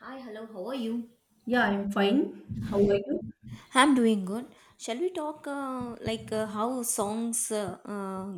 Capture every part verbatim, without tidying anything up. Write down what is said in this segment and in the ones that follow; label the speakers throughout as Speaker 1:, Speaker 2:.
Speaker 1: Hi, hello, how are you?
Speaker 2: Yeah, I'm fine. How are you?
Speaker 1: I'm doing good. Shall we talk uh, like uh, how songs uh, uh,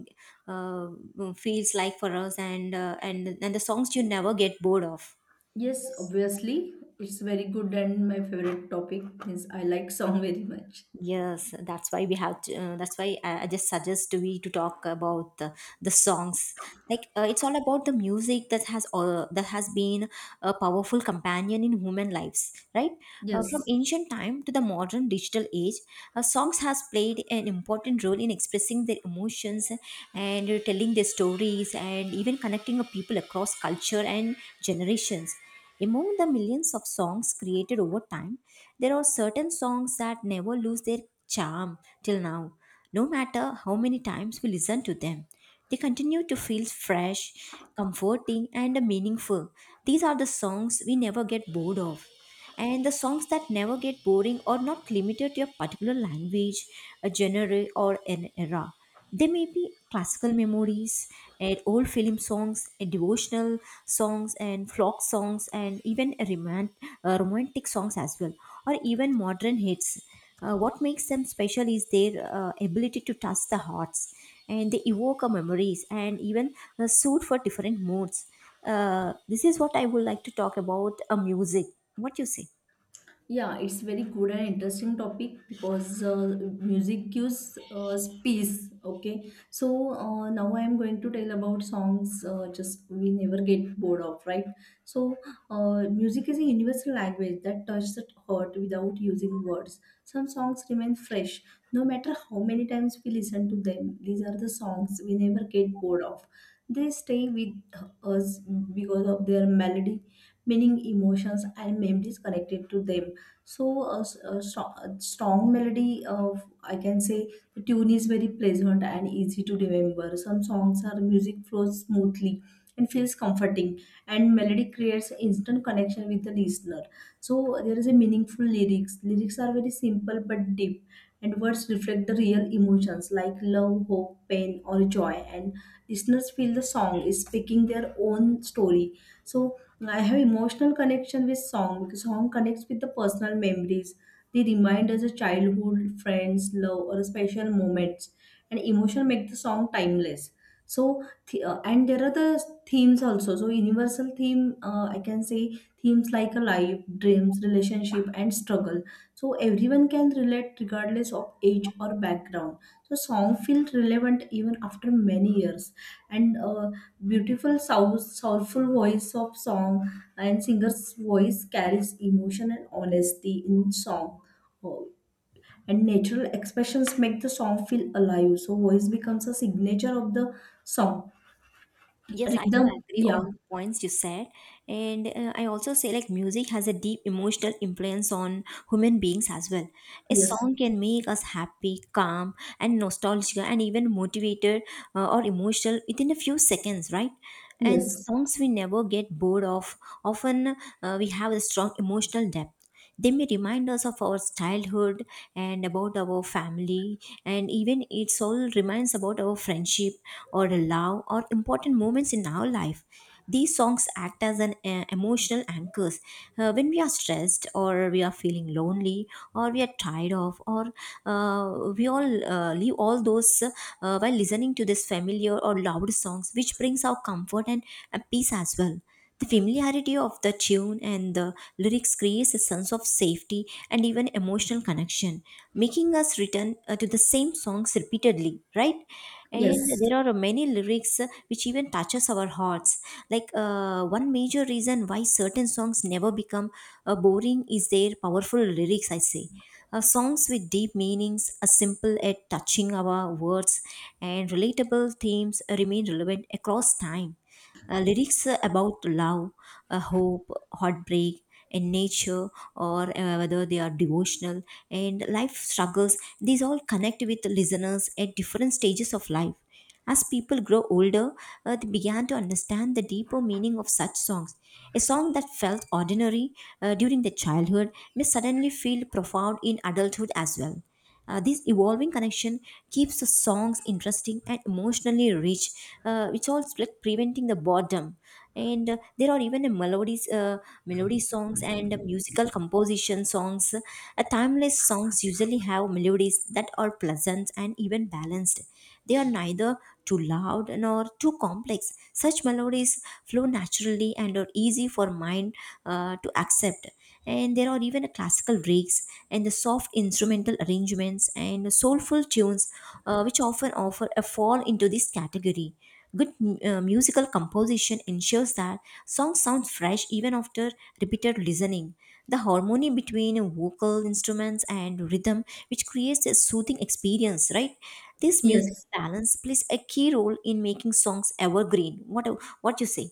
Speaker 1: uh, feels like for us and uh, and and the songs you never get bored of?
Speaker 2: Yes, obviously. It's very good and my favorite topic is I like song very much.
Speaker 1: Yes, that's why we have to. Uh, that's why I, I just suggest to we to talk about the, the songs. Like uh, it's all about the music that has uh, that has been a powerful companion in human lives, right? Uh, from
Speaker 2: Yes.
Speaker 1: ancient time to the modern digital age, uh, songs has played an important role in expressing their emotions and uh, telling their stories and even connecting of people across culture and generations. Among the millions of songs created over time, there are certain songs that never lose their charm till now. No matter how many times we listen to them, they continue to feel fresh, comforting, and meaningful. These are the songs we never get bored of. And the songs that never get boring are not limited to a particular language, a genre, or an era. They may be classical memories, and old film songs, and devotional songs, and folk songs, and even a romant, uh, romantic songs as well or even modern hits. Uh, what makes them special is their uh, ability to touch the hearts, and they evoke our memories and even uh, suit for different moods. Uh, this is what I would like to talk about uh, music. What you say?
Speaker 2: Yeah, it's very good and interesting topic because uh, music gives us peace. Okay, so uh, now I am going to tell about songs. Uh, just we never get bored of, right? So uh, music is a universal language that touches the heart without using words. Some songs remain fresh no matter how many times we listen to them. These are the songs we never get bored of. They stay with us because of their melody, meaning, emotions, and memories connected to them so a, s- a strong, a strong melody of I can say the tune is very pleasant and easy to remember. Some songs are music flows smoothly and feels comforting and melody creates instant connection with the listener. So there is a meaningful lyrics. Lyrics are very simple but deep and words reflect the real emotions like love, hope, pain or joy and listeners feel the song is speaking their own story. So I have emotional connection with song because song connects with the personal memories. They remind us of childhood, friends, love, or special moments, and emotion make the song timeless. So, th- uh, and there are the themes also. So, universal theme uh, I can say themes like a life, dreams, relationship, and struggle. So, everyone can relate regardless of age or background. So, song feels relevant even after many years, and uh, beautiful soul, soulful voice of song and singer's voice carries emotion and honesty in song. Oh, and natural expressions make the song feel alive so voice becomes a signature of the song.
Speaker 1: Yes, I do
Speaker 2: Rhythm.
Speaker 1: agree all
Speaker 2: Yeah.
Speaker 1: the points you said, and uh, I also say like music has a deep emotional influence on human beings as well. A
Speaker 2: Yes.
Speaker 1: song can make us happy, calm, and nostalgic, and even motivated, uh, or emotional within a few seconds, right? And
Speaker 2: Yes.
Speaker 1: songs we never get bored of. Often uh, we have a strong emotional depth. They may remind us of our childhood and about our family, and even it all reminds about our friendship or love or important moments in our life. These songs act as an uh, emotional anchors. Uh, when we are stressed or we are feeling lonely or we are tired of or uh, we all uh, leave all those uh, while listening to this familiar or loud songs which brings our comfort and, and peace as well. The familiarity of the tune and the lyrics creates a sense of safety and even emotional connection, making us return uh, to the same songs repeatedly, right? And
Speaker 2: Yes.
Speaker 1: there are many lyrics uh, which even touches our hearts. Like uh, one major reason why certain songs never become uh, boring is their powerful lyrics, I say. Uh, songs with deep meanings are simple at touching our words, and relatable themes remain relevant across time. Uh, lyrics uh, about love, uh, hope, heartbreak, in nature, or uh, whether they are devotional and life struggles, these all connect with the listeners at different stages of life. As people grow older, uh, they began to understand the deeper meaning of such songs. A song that felt ordinary uh, during their childhood may suddenly feel profound in adulthood as well. Uh, this evolving connection keeps the songs interesting and emotionally rich, uh, which also like preventing the boredom. And uh, there are even a melodies, uh, melody songs and musical composition songs. Uh, timeless songs usually have melodies that are pleasant and even balanced. They are neither too loud nor too complex. Such melodies flow naturally and are easy for mind uh, to accept. And there are even a classical breaks and the soft instrumental arrangements and the soulful tunes uh, which often offer a fall into this category. Good uh, musical composition ensures that songs sound fresh even after repeated listening. The harmony between vocal instruments and rhythm which creates a soothing experience, right? This musical
Speaker 2: Yes.
Speaker 1: balance plays a key role in making songs evergreen. What what you say?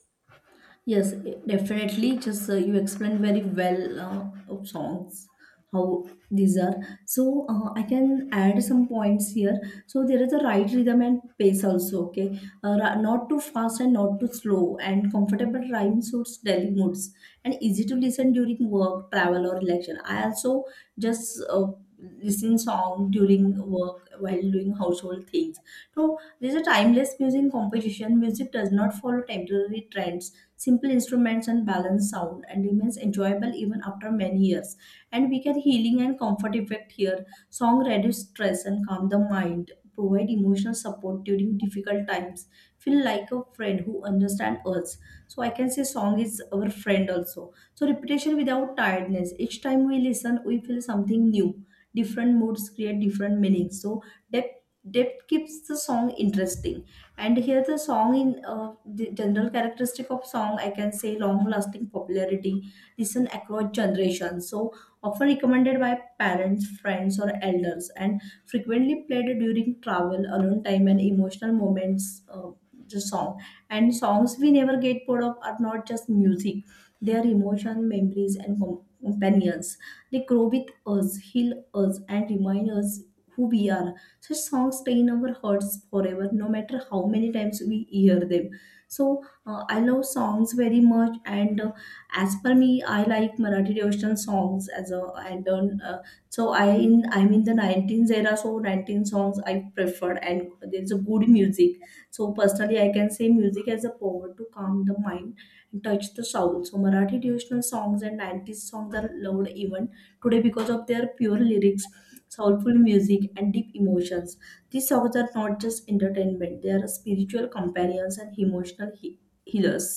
Speaker 2: Yes, definitely. Just uh, you explained very well uh, of songs, how these are. So uh, I can add some points here. So there is a right rhythm and pace also. Okay, uh, ra- not too fast and not too slow, and comfortable rhyme suits daily moods and easy to listen during work, travel, or relaxation. I also just uh, listen song during work while doing household things. So there's a timeless music composition. Music does not follow temporary trends, simple instruments and balanced sound and remains enjoyable even after many years. And we get healing and comfort effect here. Song reduce stress and calm the mind, provide emotional support during difficult times, feel like a friend who understands us. So I can say song is our friend also. So repetition without tiredness. Each time we listen, we feel something new. Different moods create different meanings. So depth depth keeps the song interesting and here the song in uh, the general characteristic of song I can say long lasting popularity, listen across generations so often recommended by parents, friends or elders and frequently played during travel, alone time and emotional moments. Uh, the song and songs we never get bored of are not just music, they are emotion, memories and com- companions. They grow with us, heal us and remind us who we are. Such songs stay in our hearts forever, no matter how many times we hear them. So uh, I love songs very much, and uh, as per me, I like Marathi devotional songs as a and uh, so I in I'm in the nineteens era, so nineteen songs I prefer, and there's a good music. So personally, I can say music as a power to calm the mind, touch the soul. So Marathi devotional songs and nineties songs are loved even today because of their pure lyrics, soulful music, and deep emotions. These songs are not just entertainment; they are spiritual companions and emotional he- healers.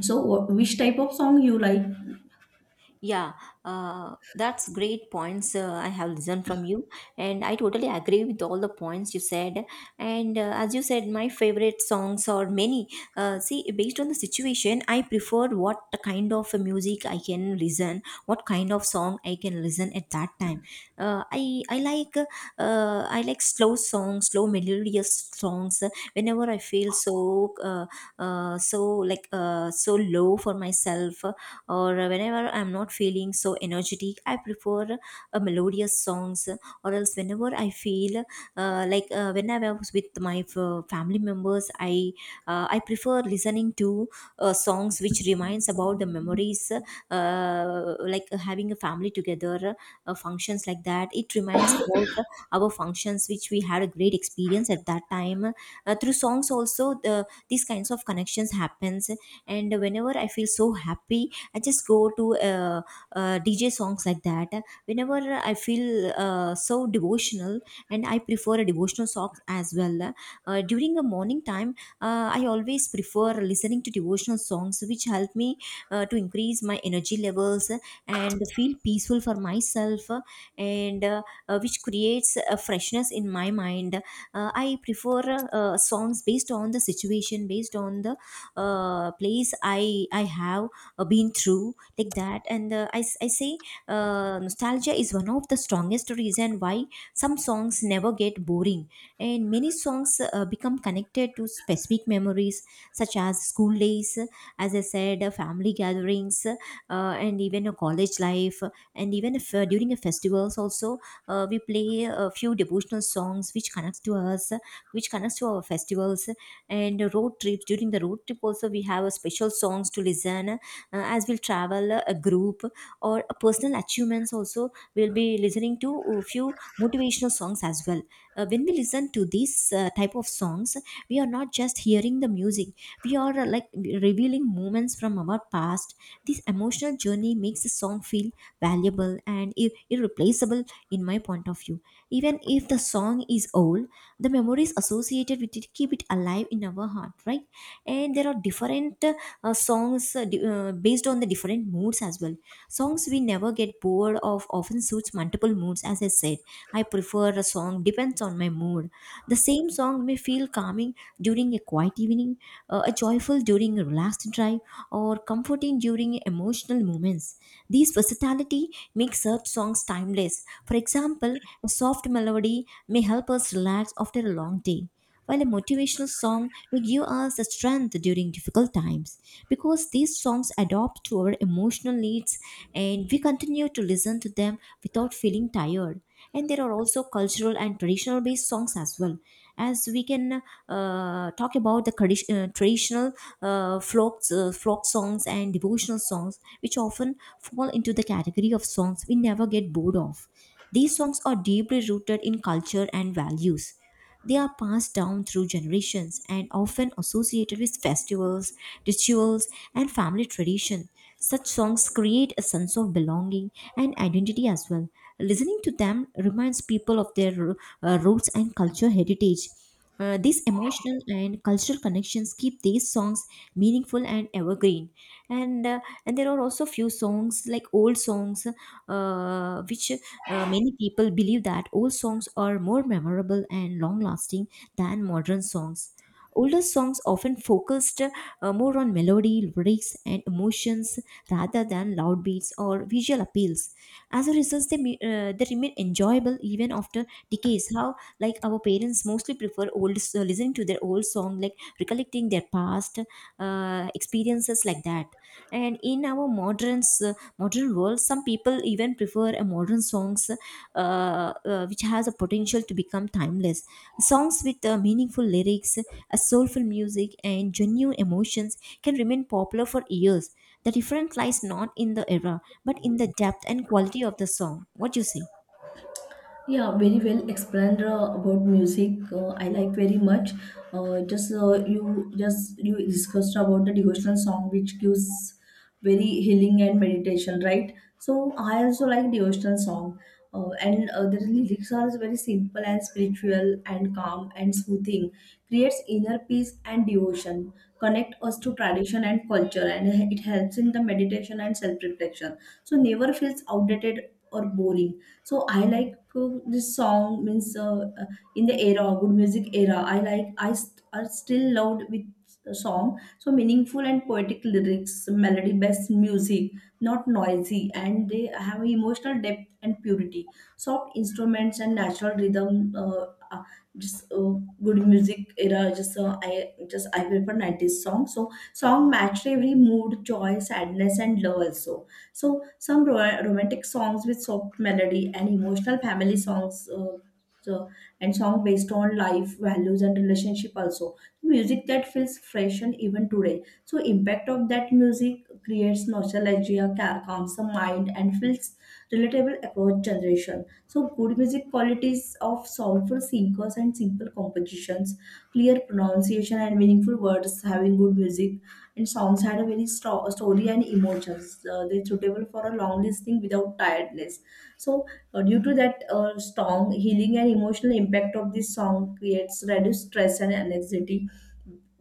Speaker 2: So, wh- which type of song you like?
Speaker 1: Yeah, uh, that's great points uh, I have listened from you, and I totally agree with all the points you said. And uh, as you said, my favorite songs are many. Uh, see, based on the situation, I prefer what kind of music I can listen, what kind of song I can listen at that time. Uh, I I like uh, I like slow songs, slow melodious songs. Whenever I feel so uh, uh, so like uh, so low for myself or whenever I'm not feeling so energetic, I prefer uh, melodious songs. Or else, whenever I feel uh, like uh, when I was with my uh, family members, I uh, I prefer listening to uh, songs which reminds about the memories, uh, like uh, having a family together, uh, functions like that. It reminds about our functions which we had a great experience at that time. Uh, through songs also, the, these kinds of connections happens. And whenever I feel so happy I just go to uh, uh, D J songs like that. Whenever I feel uh, so devotional, and I prefer a devotional songs as well. Uh, during the morning time, uh, I always prefer listening to devotional songs, which help me uh, to increase my energy levels and feel peaceful for myself, uh, and uh, uh, which creates a freshness in my mind. Uh, I prefer uh, songs based on the situation, based on the uh, place I I have uh, been through like that. And uh, I, s- I say uh, nostalgia is one of the strongest reason why some songs never get boring, and many songs uh, become connected to specific memories such as school days, as I said, uh, family gatherings, uh, and even a college life. And even if uh, during a festivals also, uh, we play a few devotional songs which connects to us, which connects to our festivals and road trips. During the road trip also we have a special songs to listen, uh, as we'll travel uh, a group or a personal achievements also we'll be listening to a few motivational songs as well. Uh, when we listen to these uh, type of songs, we are not just hearing the music, we are uh, like revealing moments from our past. This emotional journey makes the song feel valuable and ir- irreplaceable in my point of view. Even if the song is old, the memories associated with it keep it alive in our heart, right? And there are different uh, songs uh, di- uh, based on the different moods as well. Songs we never get bored of often suits multiple moods. As I said, I prefer a song depends on my mood. The same song may feel calming during a quiet evening, uh, a joyful during a relaxed drive, or comforting during emotional moments. This versatility makes such songs timeless. For example, a soft melody may help us relax after a long day, while a motivational song may give us the strength during difficult times, because these songs adapt to our emotional needs, and we continue to listen to them without feeling tired. And there are also cultural and traditional based songs as well. As we can uh, talk about the tradi- uh, traditional uh, folk, uh, folk songs and devotional songs, which often fall into the category of songs we never get bored of. These songs are deeply rooted in culture and values. They are passed down through generations and often associated with festivals, rituals, and family tradition. Such songs create a sense of belonging and identity as well. Listening to them reminds people of their uh, roots and cultural heritage. Uh, these emotional and cultural connections keep these songs meaningful and evergreen. and uh, and there are also few songs like old songs, uh, which uh, many people believe that old songs are more memorable and long lasting than modern songs. Older songs often focused uh, more on melody, lyrics and emotions rather than loud beats or visual appeals. As a result, they, me- uh, they remain enjoyable even after decades. How like our parents mostly prefer old, uh, listening to their old song, like recollecting their past uh, experiences like that. And in our modern uh, modern world, some people even prefer a modern songs, uh, uh, which has a potential to become timeless. Songs with uh, meaningful lyrics, a soulful music and genuine emotions can remain popular for years. The difference lies not in the era but in the depth and quality of the song. What do you say?
Speaker 2: Yeah, very well explained uh, about music. Uh, I like very much. Uh, just uh, you just you discussed about the devotional song, which gives very healing and meditation, right? So I also like devotional song, uh, and uh, the lyrics are very simple and spiritual and calm and soothing. Creates inner peace and devotion. Connect us to tradition and culture, and it helps in the meditation and self reflection. So never feels outdated or boring. So I like uh, this song means uh, uh, in the era good music era I like i st- are still loved with a song. So meaningful and poetic lyrics, melody based music, not noisy and they have emotional depth and purity, soft instruments and natural rhythm. Uh, uh, just uh, Good music era, just uh, I just I prefer nineties song. So song matched every mood, joy, sadness and love also. So some ro- romantic songs with soft melody and emotional family songs. Uh, so, and song based on life values and relationship also, music that feels fresh and even today. So impact of that music creates nostalgia, ca- calms the mind and feels relatable across generation. So good music qualities of soulful singers and simple compositions, clear pronunciation and meaningful words having good music, and songs had a very strong story and emotions. Uh, they're suitable for a long listening without tiredness. So, uh, due to that uh, strong healing and emotional impact of this song creates reduced stress and anxiety,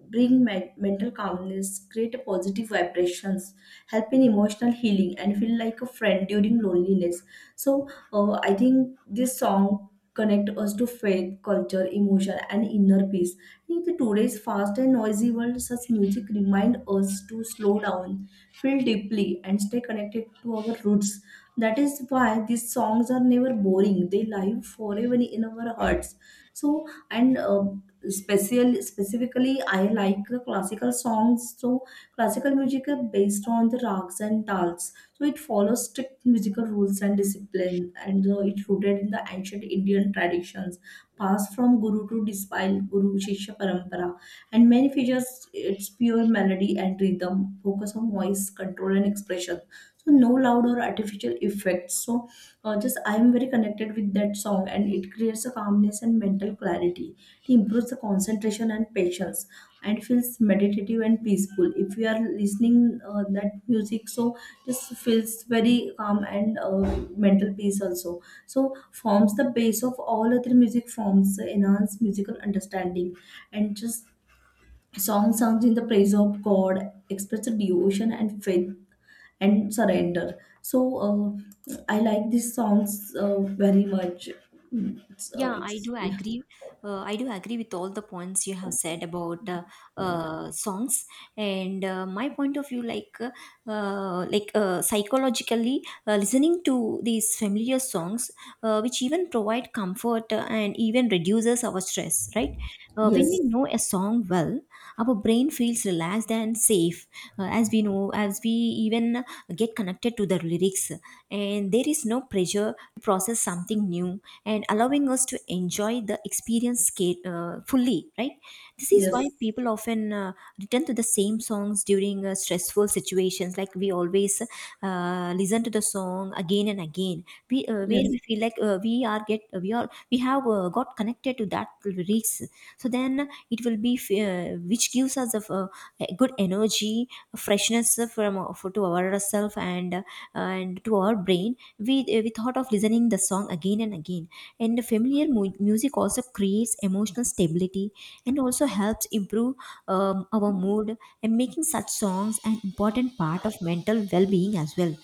Speaker 2: bring men- mental calmness, create a positive vibrations, help in emotional healing, and feel like a friend during loneliness. So, uh, I think this song connect us to faith, culture, emotion, and inner peace. In today's fast and noisy world, such music remind us to slow down, feel deeply, and stay connected to our roots. That is why these songs are never boring. They live forever in our hearts. So, and uh, special specifically, I like uh, classical songs. So, classical music are based on the rags and tals. So, it follows strict musical rules and discipline, and uh, it's rooted in the ancient Indian traditions passed from guru to disciple, guru shishya parampara. And many features its pure melody and rhythm, focus on voice control and expression. So no loud or artificial effects. So uh, just I am very connected with that song, and it creates a calmness and mental clarity. It improves the concentration and patience and feels meditative and peaceful if you are listening uh, that music. So just feels very calm and uh, mental peace also. So forms the base of all other music forms, enhance musical understanding and just song songs in the praise of god, express devotion and faith and surrender. So uh, I like these songs uh, very much. it's, uh,
Speaker 1: Yeah, I
Speaker 2: it's,
Speaker 1: do
Speaker 2: yeah.
Speaker 1: agree. Uh, I do agree with all the points you have said about uh, uh, songs, and uh, my point of view, like uh, uh, like uh, psychologically, uh, listening to these familiar songs, uh, which even provide comfort uh, and even reduces our stress. Right? Uh, when we
Speaker 2: Yes.
Speaker 1: know a song well, our brain feels relaxed and safe. Uh, as we know, as we even get connected to the lyrics, and there is no pressure to process something new and allowing us to enjoy the experience sca- uh, fully, right? This is why
Speaker 2: Yes.
Speaker 1: people often uh, return to the same songs during uh, stressful situations, like we always uh, listen to the song again and again, we uh, where
Speaker 2: Yes.
Speaker 1: we feel like uh, we are get uh, we are we have uh, got connected to that lyrics. So then it will be f- uh, which gives us a, a good energy, freshness from for, to ourselves, and uh, and to our brain. We uh, we thought of listening the song again and again. And familiar mu- music also creates emotional stability and also helps improve um, our mood, and making such songs an important part of mental well-being as well.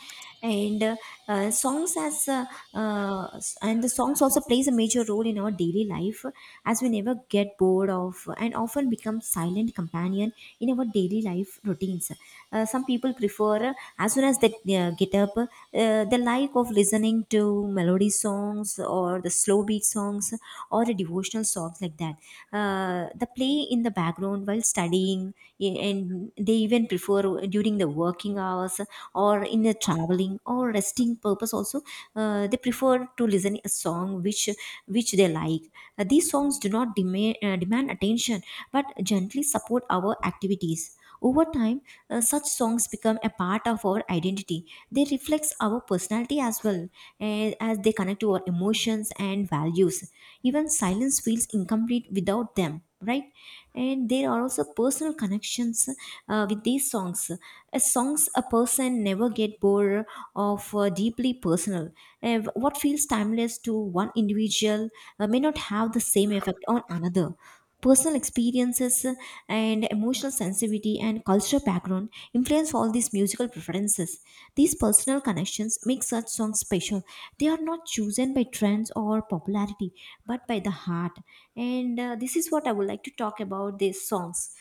Speaker 1: And uh, uh, songs as uh, uh, s- and the songs also plays a major role in our daily life, as we never get bored of and often become silent companion in our daily life routines. Uh, some people prefer, uh, as soon as they uh, get up uh, they like of listening to melody songs or the slow beat songs or the devotional songs, like that uh, the play in the background while studying. And they even prefer during the working hours hours or in a traveling or resting purpose also. Uh, they prefer to listen a song which which they like. Uh, these songs do not demand, uh, demand attention, but gently support our activities. Over time, uh, such songs become a part of our identity. They reflect our personality as well, eh, as they connect to our emotions and values. Even silence feels incomplete without them, right? And there are also personal connections uh, with these songs. A songs a person never get bored of, uh, deeply personal. Uh, what feels timeless to one individual uh, may not have the same effect on another. Personal experience influences uh, and emotional sensitivity and cultural background influence all these musical preferences. These personal connections make such songs special. They are not chosen by trends or popularity, but by the heart. And uh, this is what I would like to talk about these songs.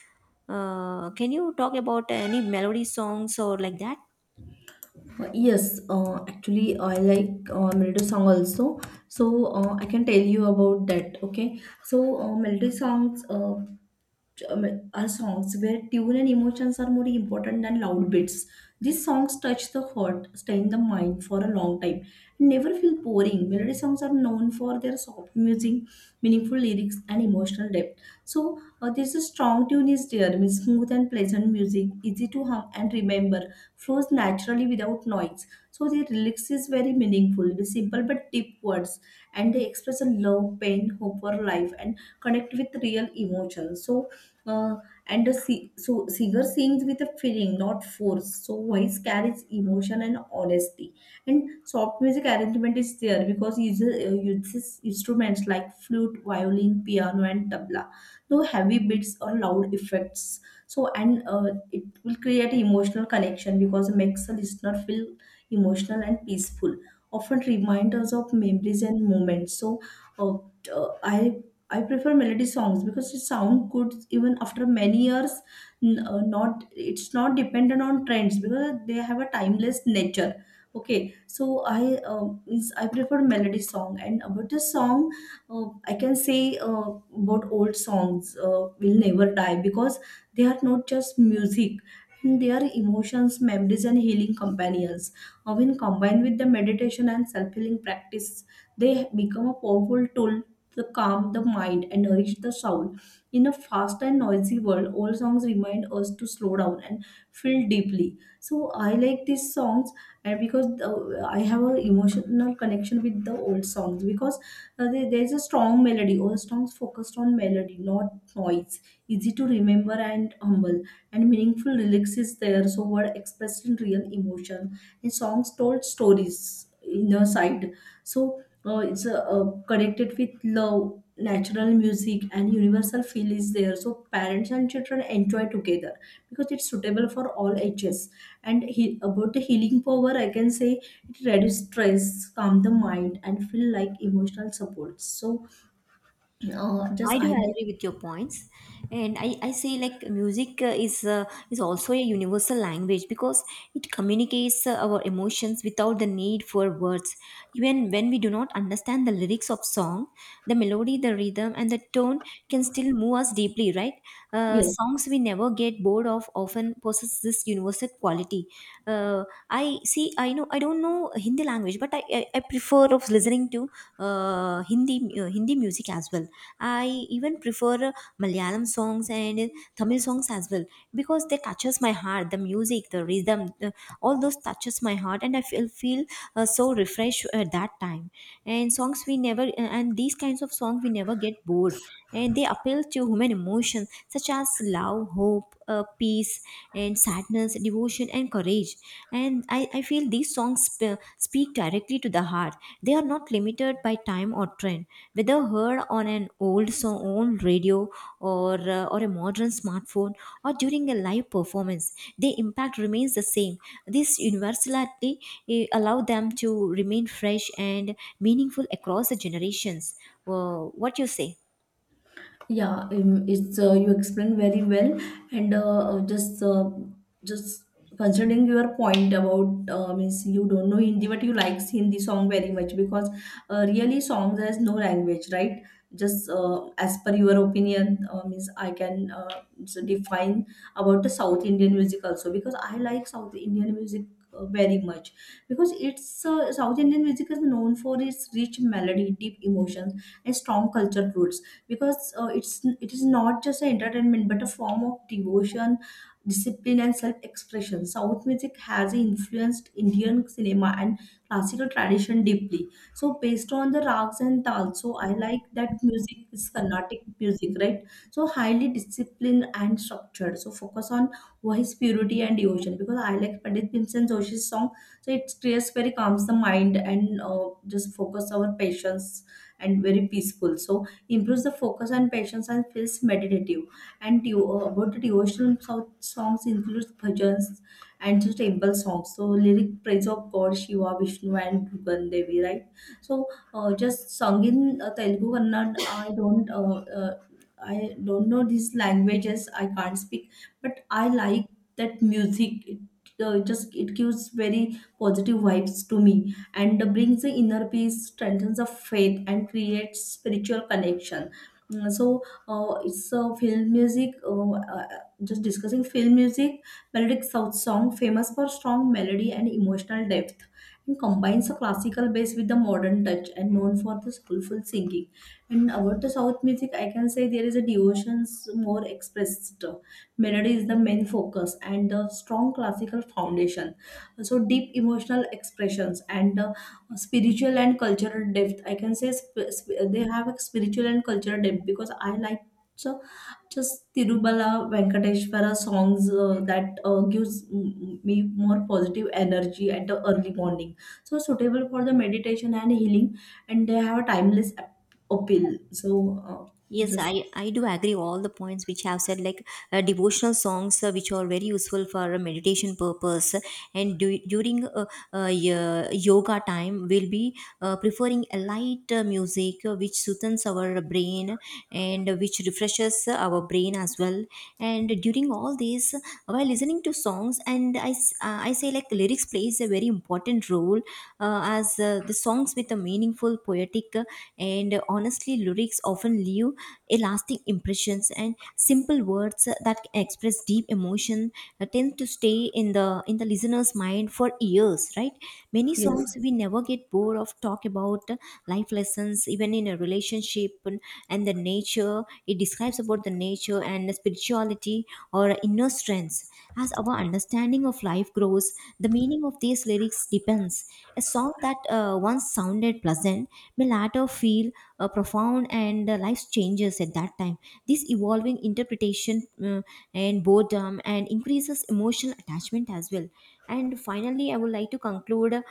Speaker 1: Uh, can you talk about any melody songs or like that?
Speaker 2: Uh, Yes, uh, actually, I like uh, melody song also. So uh, I can tell you about that. Okay, so uh, melody songs uh, um, are songs where tune and emotions are more important than loud beats. These songs touch the heart, stay in the mind for a long time, and never feel boring. Melody songs are known for their soft music, meaningful lyrics, and emotional depth. So uh, there's a strong tune is there, means smooth and pleasant music, easy to hum and remember, flows naturally without noise. So the lyrics is very meaningful with simple but deep words, and they express a love, pain, hope for life, and connect with real emotions. So uh, and the si- so singer sings with a feeling not force. So voice carries emotion and honesty, and soft music arrangement is there because uses, uh, uses instruments like flute, violin, piano and tabla, no heavy beats or loud effects. So and uh, it will create emotional connection because it makes the listener feel emotional and peaceful, often reminders of memories and moments. So uh, uh, i I prefer melody songs because it sound good even after many years. n- uh, Not it's not dependent on trends because they have a timeless nature. Okay, so I uh, means I prefer melody song, and about the song, uh, I can say uh, about old songs uh, will never die because they are not just music. They are emotions, memories, and healing companions. Uh, When combined with the meditation and self-healing practice, they become a powerful tool, the calm the mind and nourish the soul. In a fast and noisy world, old songs remind us to slow down and feel deeply. So I like these songs, and because uh, I have an emotional connection with the old songs because uh, there- there's a strong melody. Old songs focused on melody, not noise. Easy to remember and humble, and meaningful lyrics is there. So word expressed in real emotion, and songs told stories. Inner side, so uh, it's uh, uh, connected with love natural music and universal feel is there, so parents and children enjoy together because it's suitable for all ages. And he, about the healing power I can say it reduces stress, calm the mind and feel like emotional support. So uh, just
Speaker 1: I do
Speaker 2: highlight.
Speaker 1: agree with your points, and I, I say like music uh, is uh, is also a universal language because it communicates uh, our emotions without the need for words. Even when we do not understand the lyrics of song, the melody, the rhythm, and the tone can still move us deeply. Right? Uh,
Speaker 2: Yes.
Speaker 1: songs we never get bored of of often possess this universal quality. Uh, I see. I know. I don't know Hindi language, but I, I, I prefer of listening to uh, Hindi uh, Hindi music as well. I even prefer uh, Malayalam songs and Tamil songs as well, because they touches my heart. The music, the rhythm, the, all those touches my heart, and I feel feel uh, so refreshed at that time. And songs we never uh, and these kinds of songs we never get bored, and they appeal to human emotions such as love, hope, uh, peace and sadness, devotion and courage. And i, I feel these songs sp- speak directly to the heart. They are not limited by time or trend, whether heard on an old song old radio or uh, or a modern smartphone or during a live performance. Their impact remains the same. This universality, eh, allow them to remain fresh and meaningful across the generations. Uh, what you say?
Speaker 2: Yeah, um, it's uh, you explained very well, and uh, uh, just uh, just considering your point about uh, means you don't know Hindi but you like Hindi song very much because uh, really songs has no language, right? Just uh, as per your opinion, uh, means I can uh, so define about the South Indian music also because I like South Indian music. uh, Very much because it's uh, South Indian music is known for its rich melody, deep emotions, and strong culture roots, because uh, it's it is not just an entertainment but a form of devotion, discipline and self-expression. South music has influenced Indian cinema and classical tradition deeply. So based on the rags and tal, so I like that music is Carnatic music, right? So highly disciplined and structured, so focus on voice purity and devotion because I like Pandit Bhimsen Joshi's song. So it creates very calms the mind and uh, just focus our patience, and very peaceful, so improves the focus and patience and feels meditative. And devo- uh, about the devotional so- songs includes bhajans and just temple songs. So lyric praise of God, Shiva, Vishnu, and Durgan Devi, right? So uh, just sung in uh, Telugu, Kannada. I don't. Uh, uh, I don't know these languages. I can't speak, but I like that music. It uh, just it gives very positive vibes to me and brings the inner peace, strengthens the faith, and creates spiritual connection. Mm, So uh, it's uh, film music. Uh, uh, just discussing film music, melodic south song, famous for strong melody and emotional depth, and combines the classical bass with the modern touch, and known for the skillful singing. And about the south music, I can say there is a devotions more expressed. Melody is the main focus and the strong classical foundation, so deep emotional expressions and uh, spiritual and cultural depth I can say sp- sp- they have a spiritual and cultural depth because I like, so just Tirubala Venkateshwara songs, uh, that uh, gives mm, me more positive energy at the early morning. So suitable for the meditation and healing, and they have a timeless ap- appeal. So uh,
Speaker 1: Yes,
Speaker 2: just
Speaker 1: I, I do agree all the points which I have said, like uh, devotional songs uh, which are very useful for a meditation purpose. And du- during uh, uh, y- yoga time, we'll be uh, preferring a light uh, music uh, which soothes our brain and which refreshes our brain as well. And during all this while listening to songs, and I, s- uh, I say like like lyrics plays a very important role, uh, as uh, the songs with a meaningful poetic uh, and honestly lyrics often leave a lasting impressions, and simple words uh, that express deep emotion uh, tend to stay in the in the listener's mind for years, right? Many
Speaker 2: yes,
Speaker 1: songs we never get bored of talk about uh, life lessons, even in a relationship, and and the nature, it describes about the nature and the spirituality or inner strengths. As our understanding of life grows, the meaning of these lyrics depends. A song that uh, once sounded pleasant may later feel uh, profound, and uh, life changes at that time. This evolving interpretation uh, and boredom and increases emotional attachment as well. And finally, I would like to conclude uh,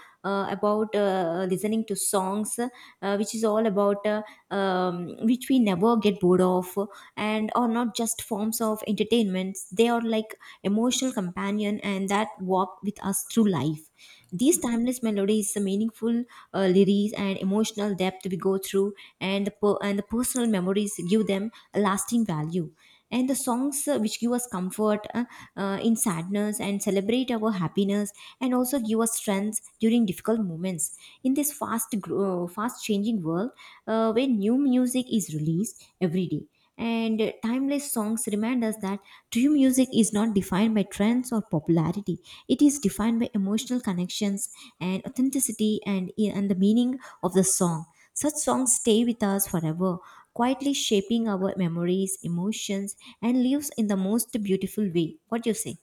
Speaker 1: about uh, listening to songs, uh, which is all about uh, um, which we never get bored of, and are not just forms of entertainment. They are like emotional companion, and that walk with us through life. These timeless melodies, the meaningful uh, lyrics, and emotional depth we go through, and the, per- and the personal memories give them a lasting value. And the songs uh, which give us comfort uh, uh, in sadness, and celebrate our happiness, and also give us strength during difficult moments. In this fast, gro- uh, fast changing world, uh, where new music is released every day, and uh, timeless songs remind us that true music is not defined by trends or popularity. It is defined by emotional connections and authenticity, and, eh, and the meaning of the song. Such songs stay with us forever, quietly shaping our memories, emotions, and lives in the most beautiful way. What do you say?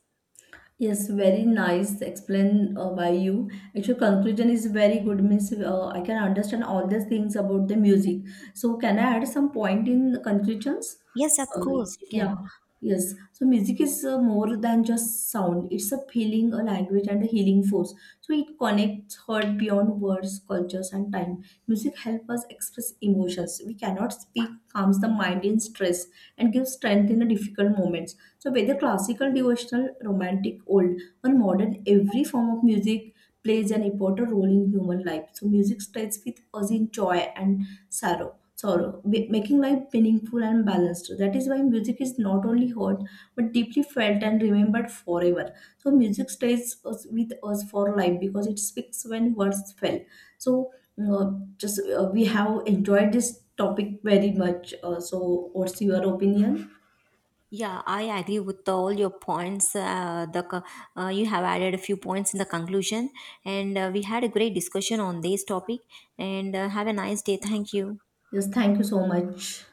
Speaker 2: yes, very nice explained uh, by you. Actually, conclusion is very good. Means uh, I can understand all these things about the music. So, can I add some point in the conclusions?
Speaker 1: Yes, of
Speaker 2: Uh,
Speaker 1: course you can.
Speaker 2: yeah, yes. So, music is uh, more than just sound. It's a feeling, a language, and a healing force. So, it connects heart beyond words, cultures, and time. Music helps us express emotions. We cannot speak, calms the mind in stress, and gives strength in the difficult moments. So, whether classical, devotional, romantic, old, or modern, every form of music plays an important role in human life. So, music starts with us in joy and sorrow. Sorrow, ma- making life meaningful and balanced. That is why music is not only heard but deeply felt and remembered forever. So, music stays us, with us for life because it speaks when words fail. So, uh, just uh, we have enjoyed this topic very much. Uh, so, what's your opinion?
Speaker 1: Yeah, I agree with all your points. Uh, the co- uh, you have added a few points in the conclusion, and uh, we had a great discussion on this topic. And uh, have a nice day. Thank you.
Speaker 2: Yes, thank you so much.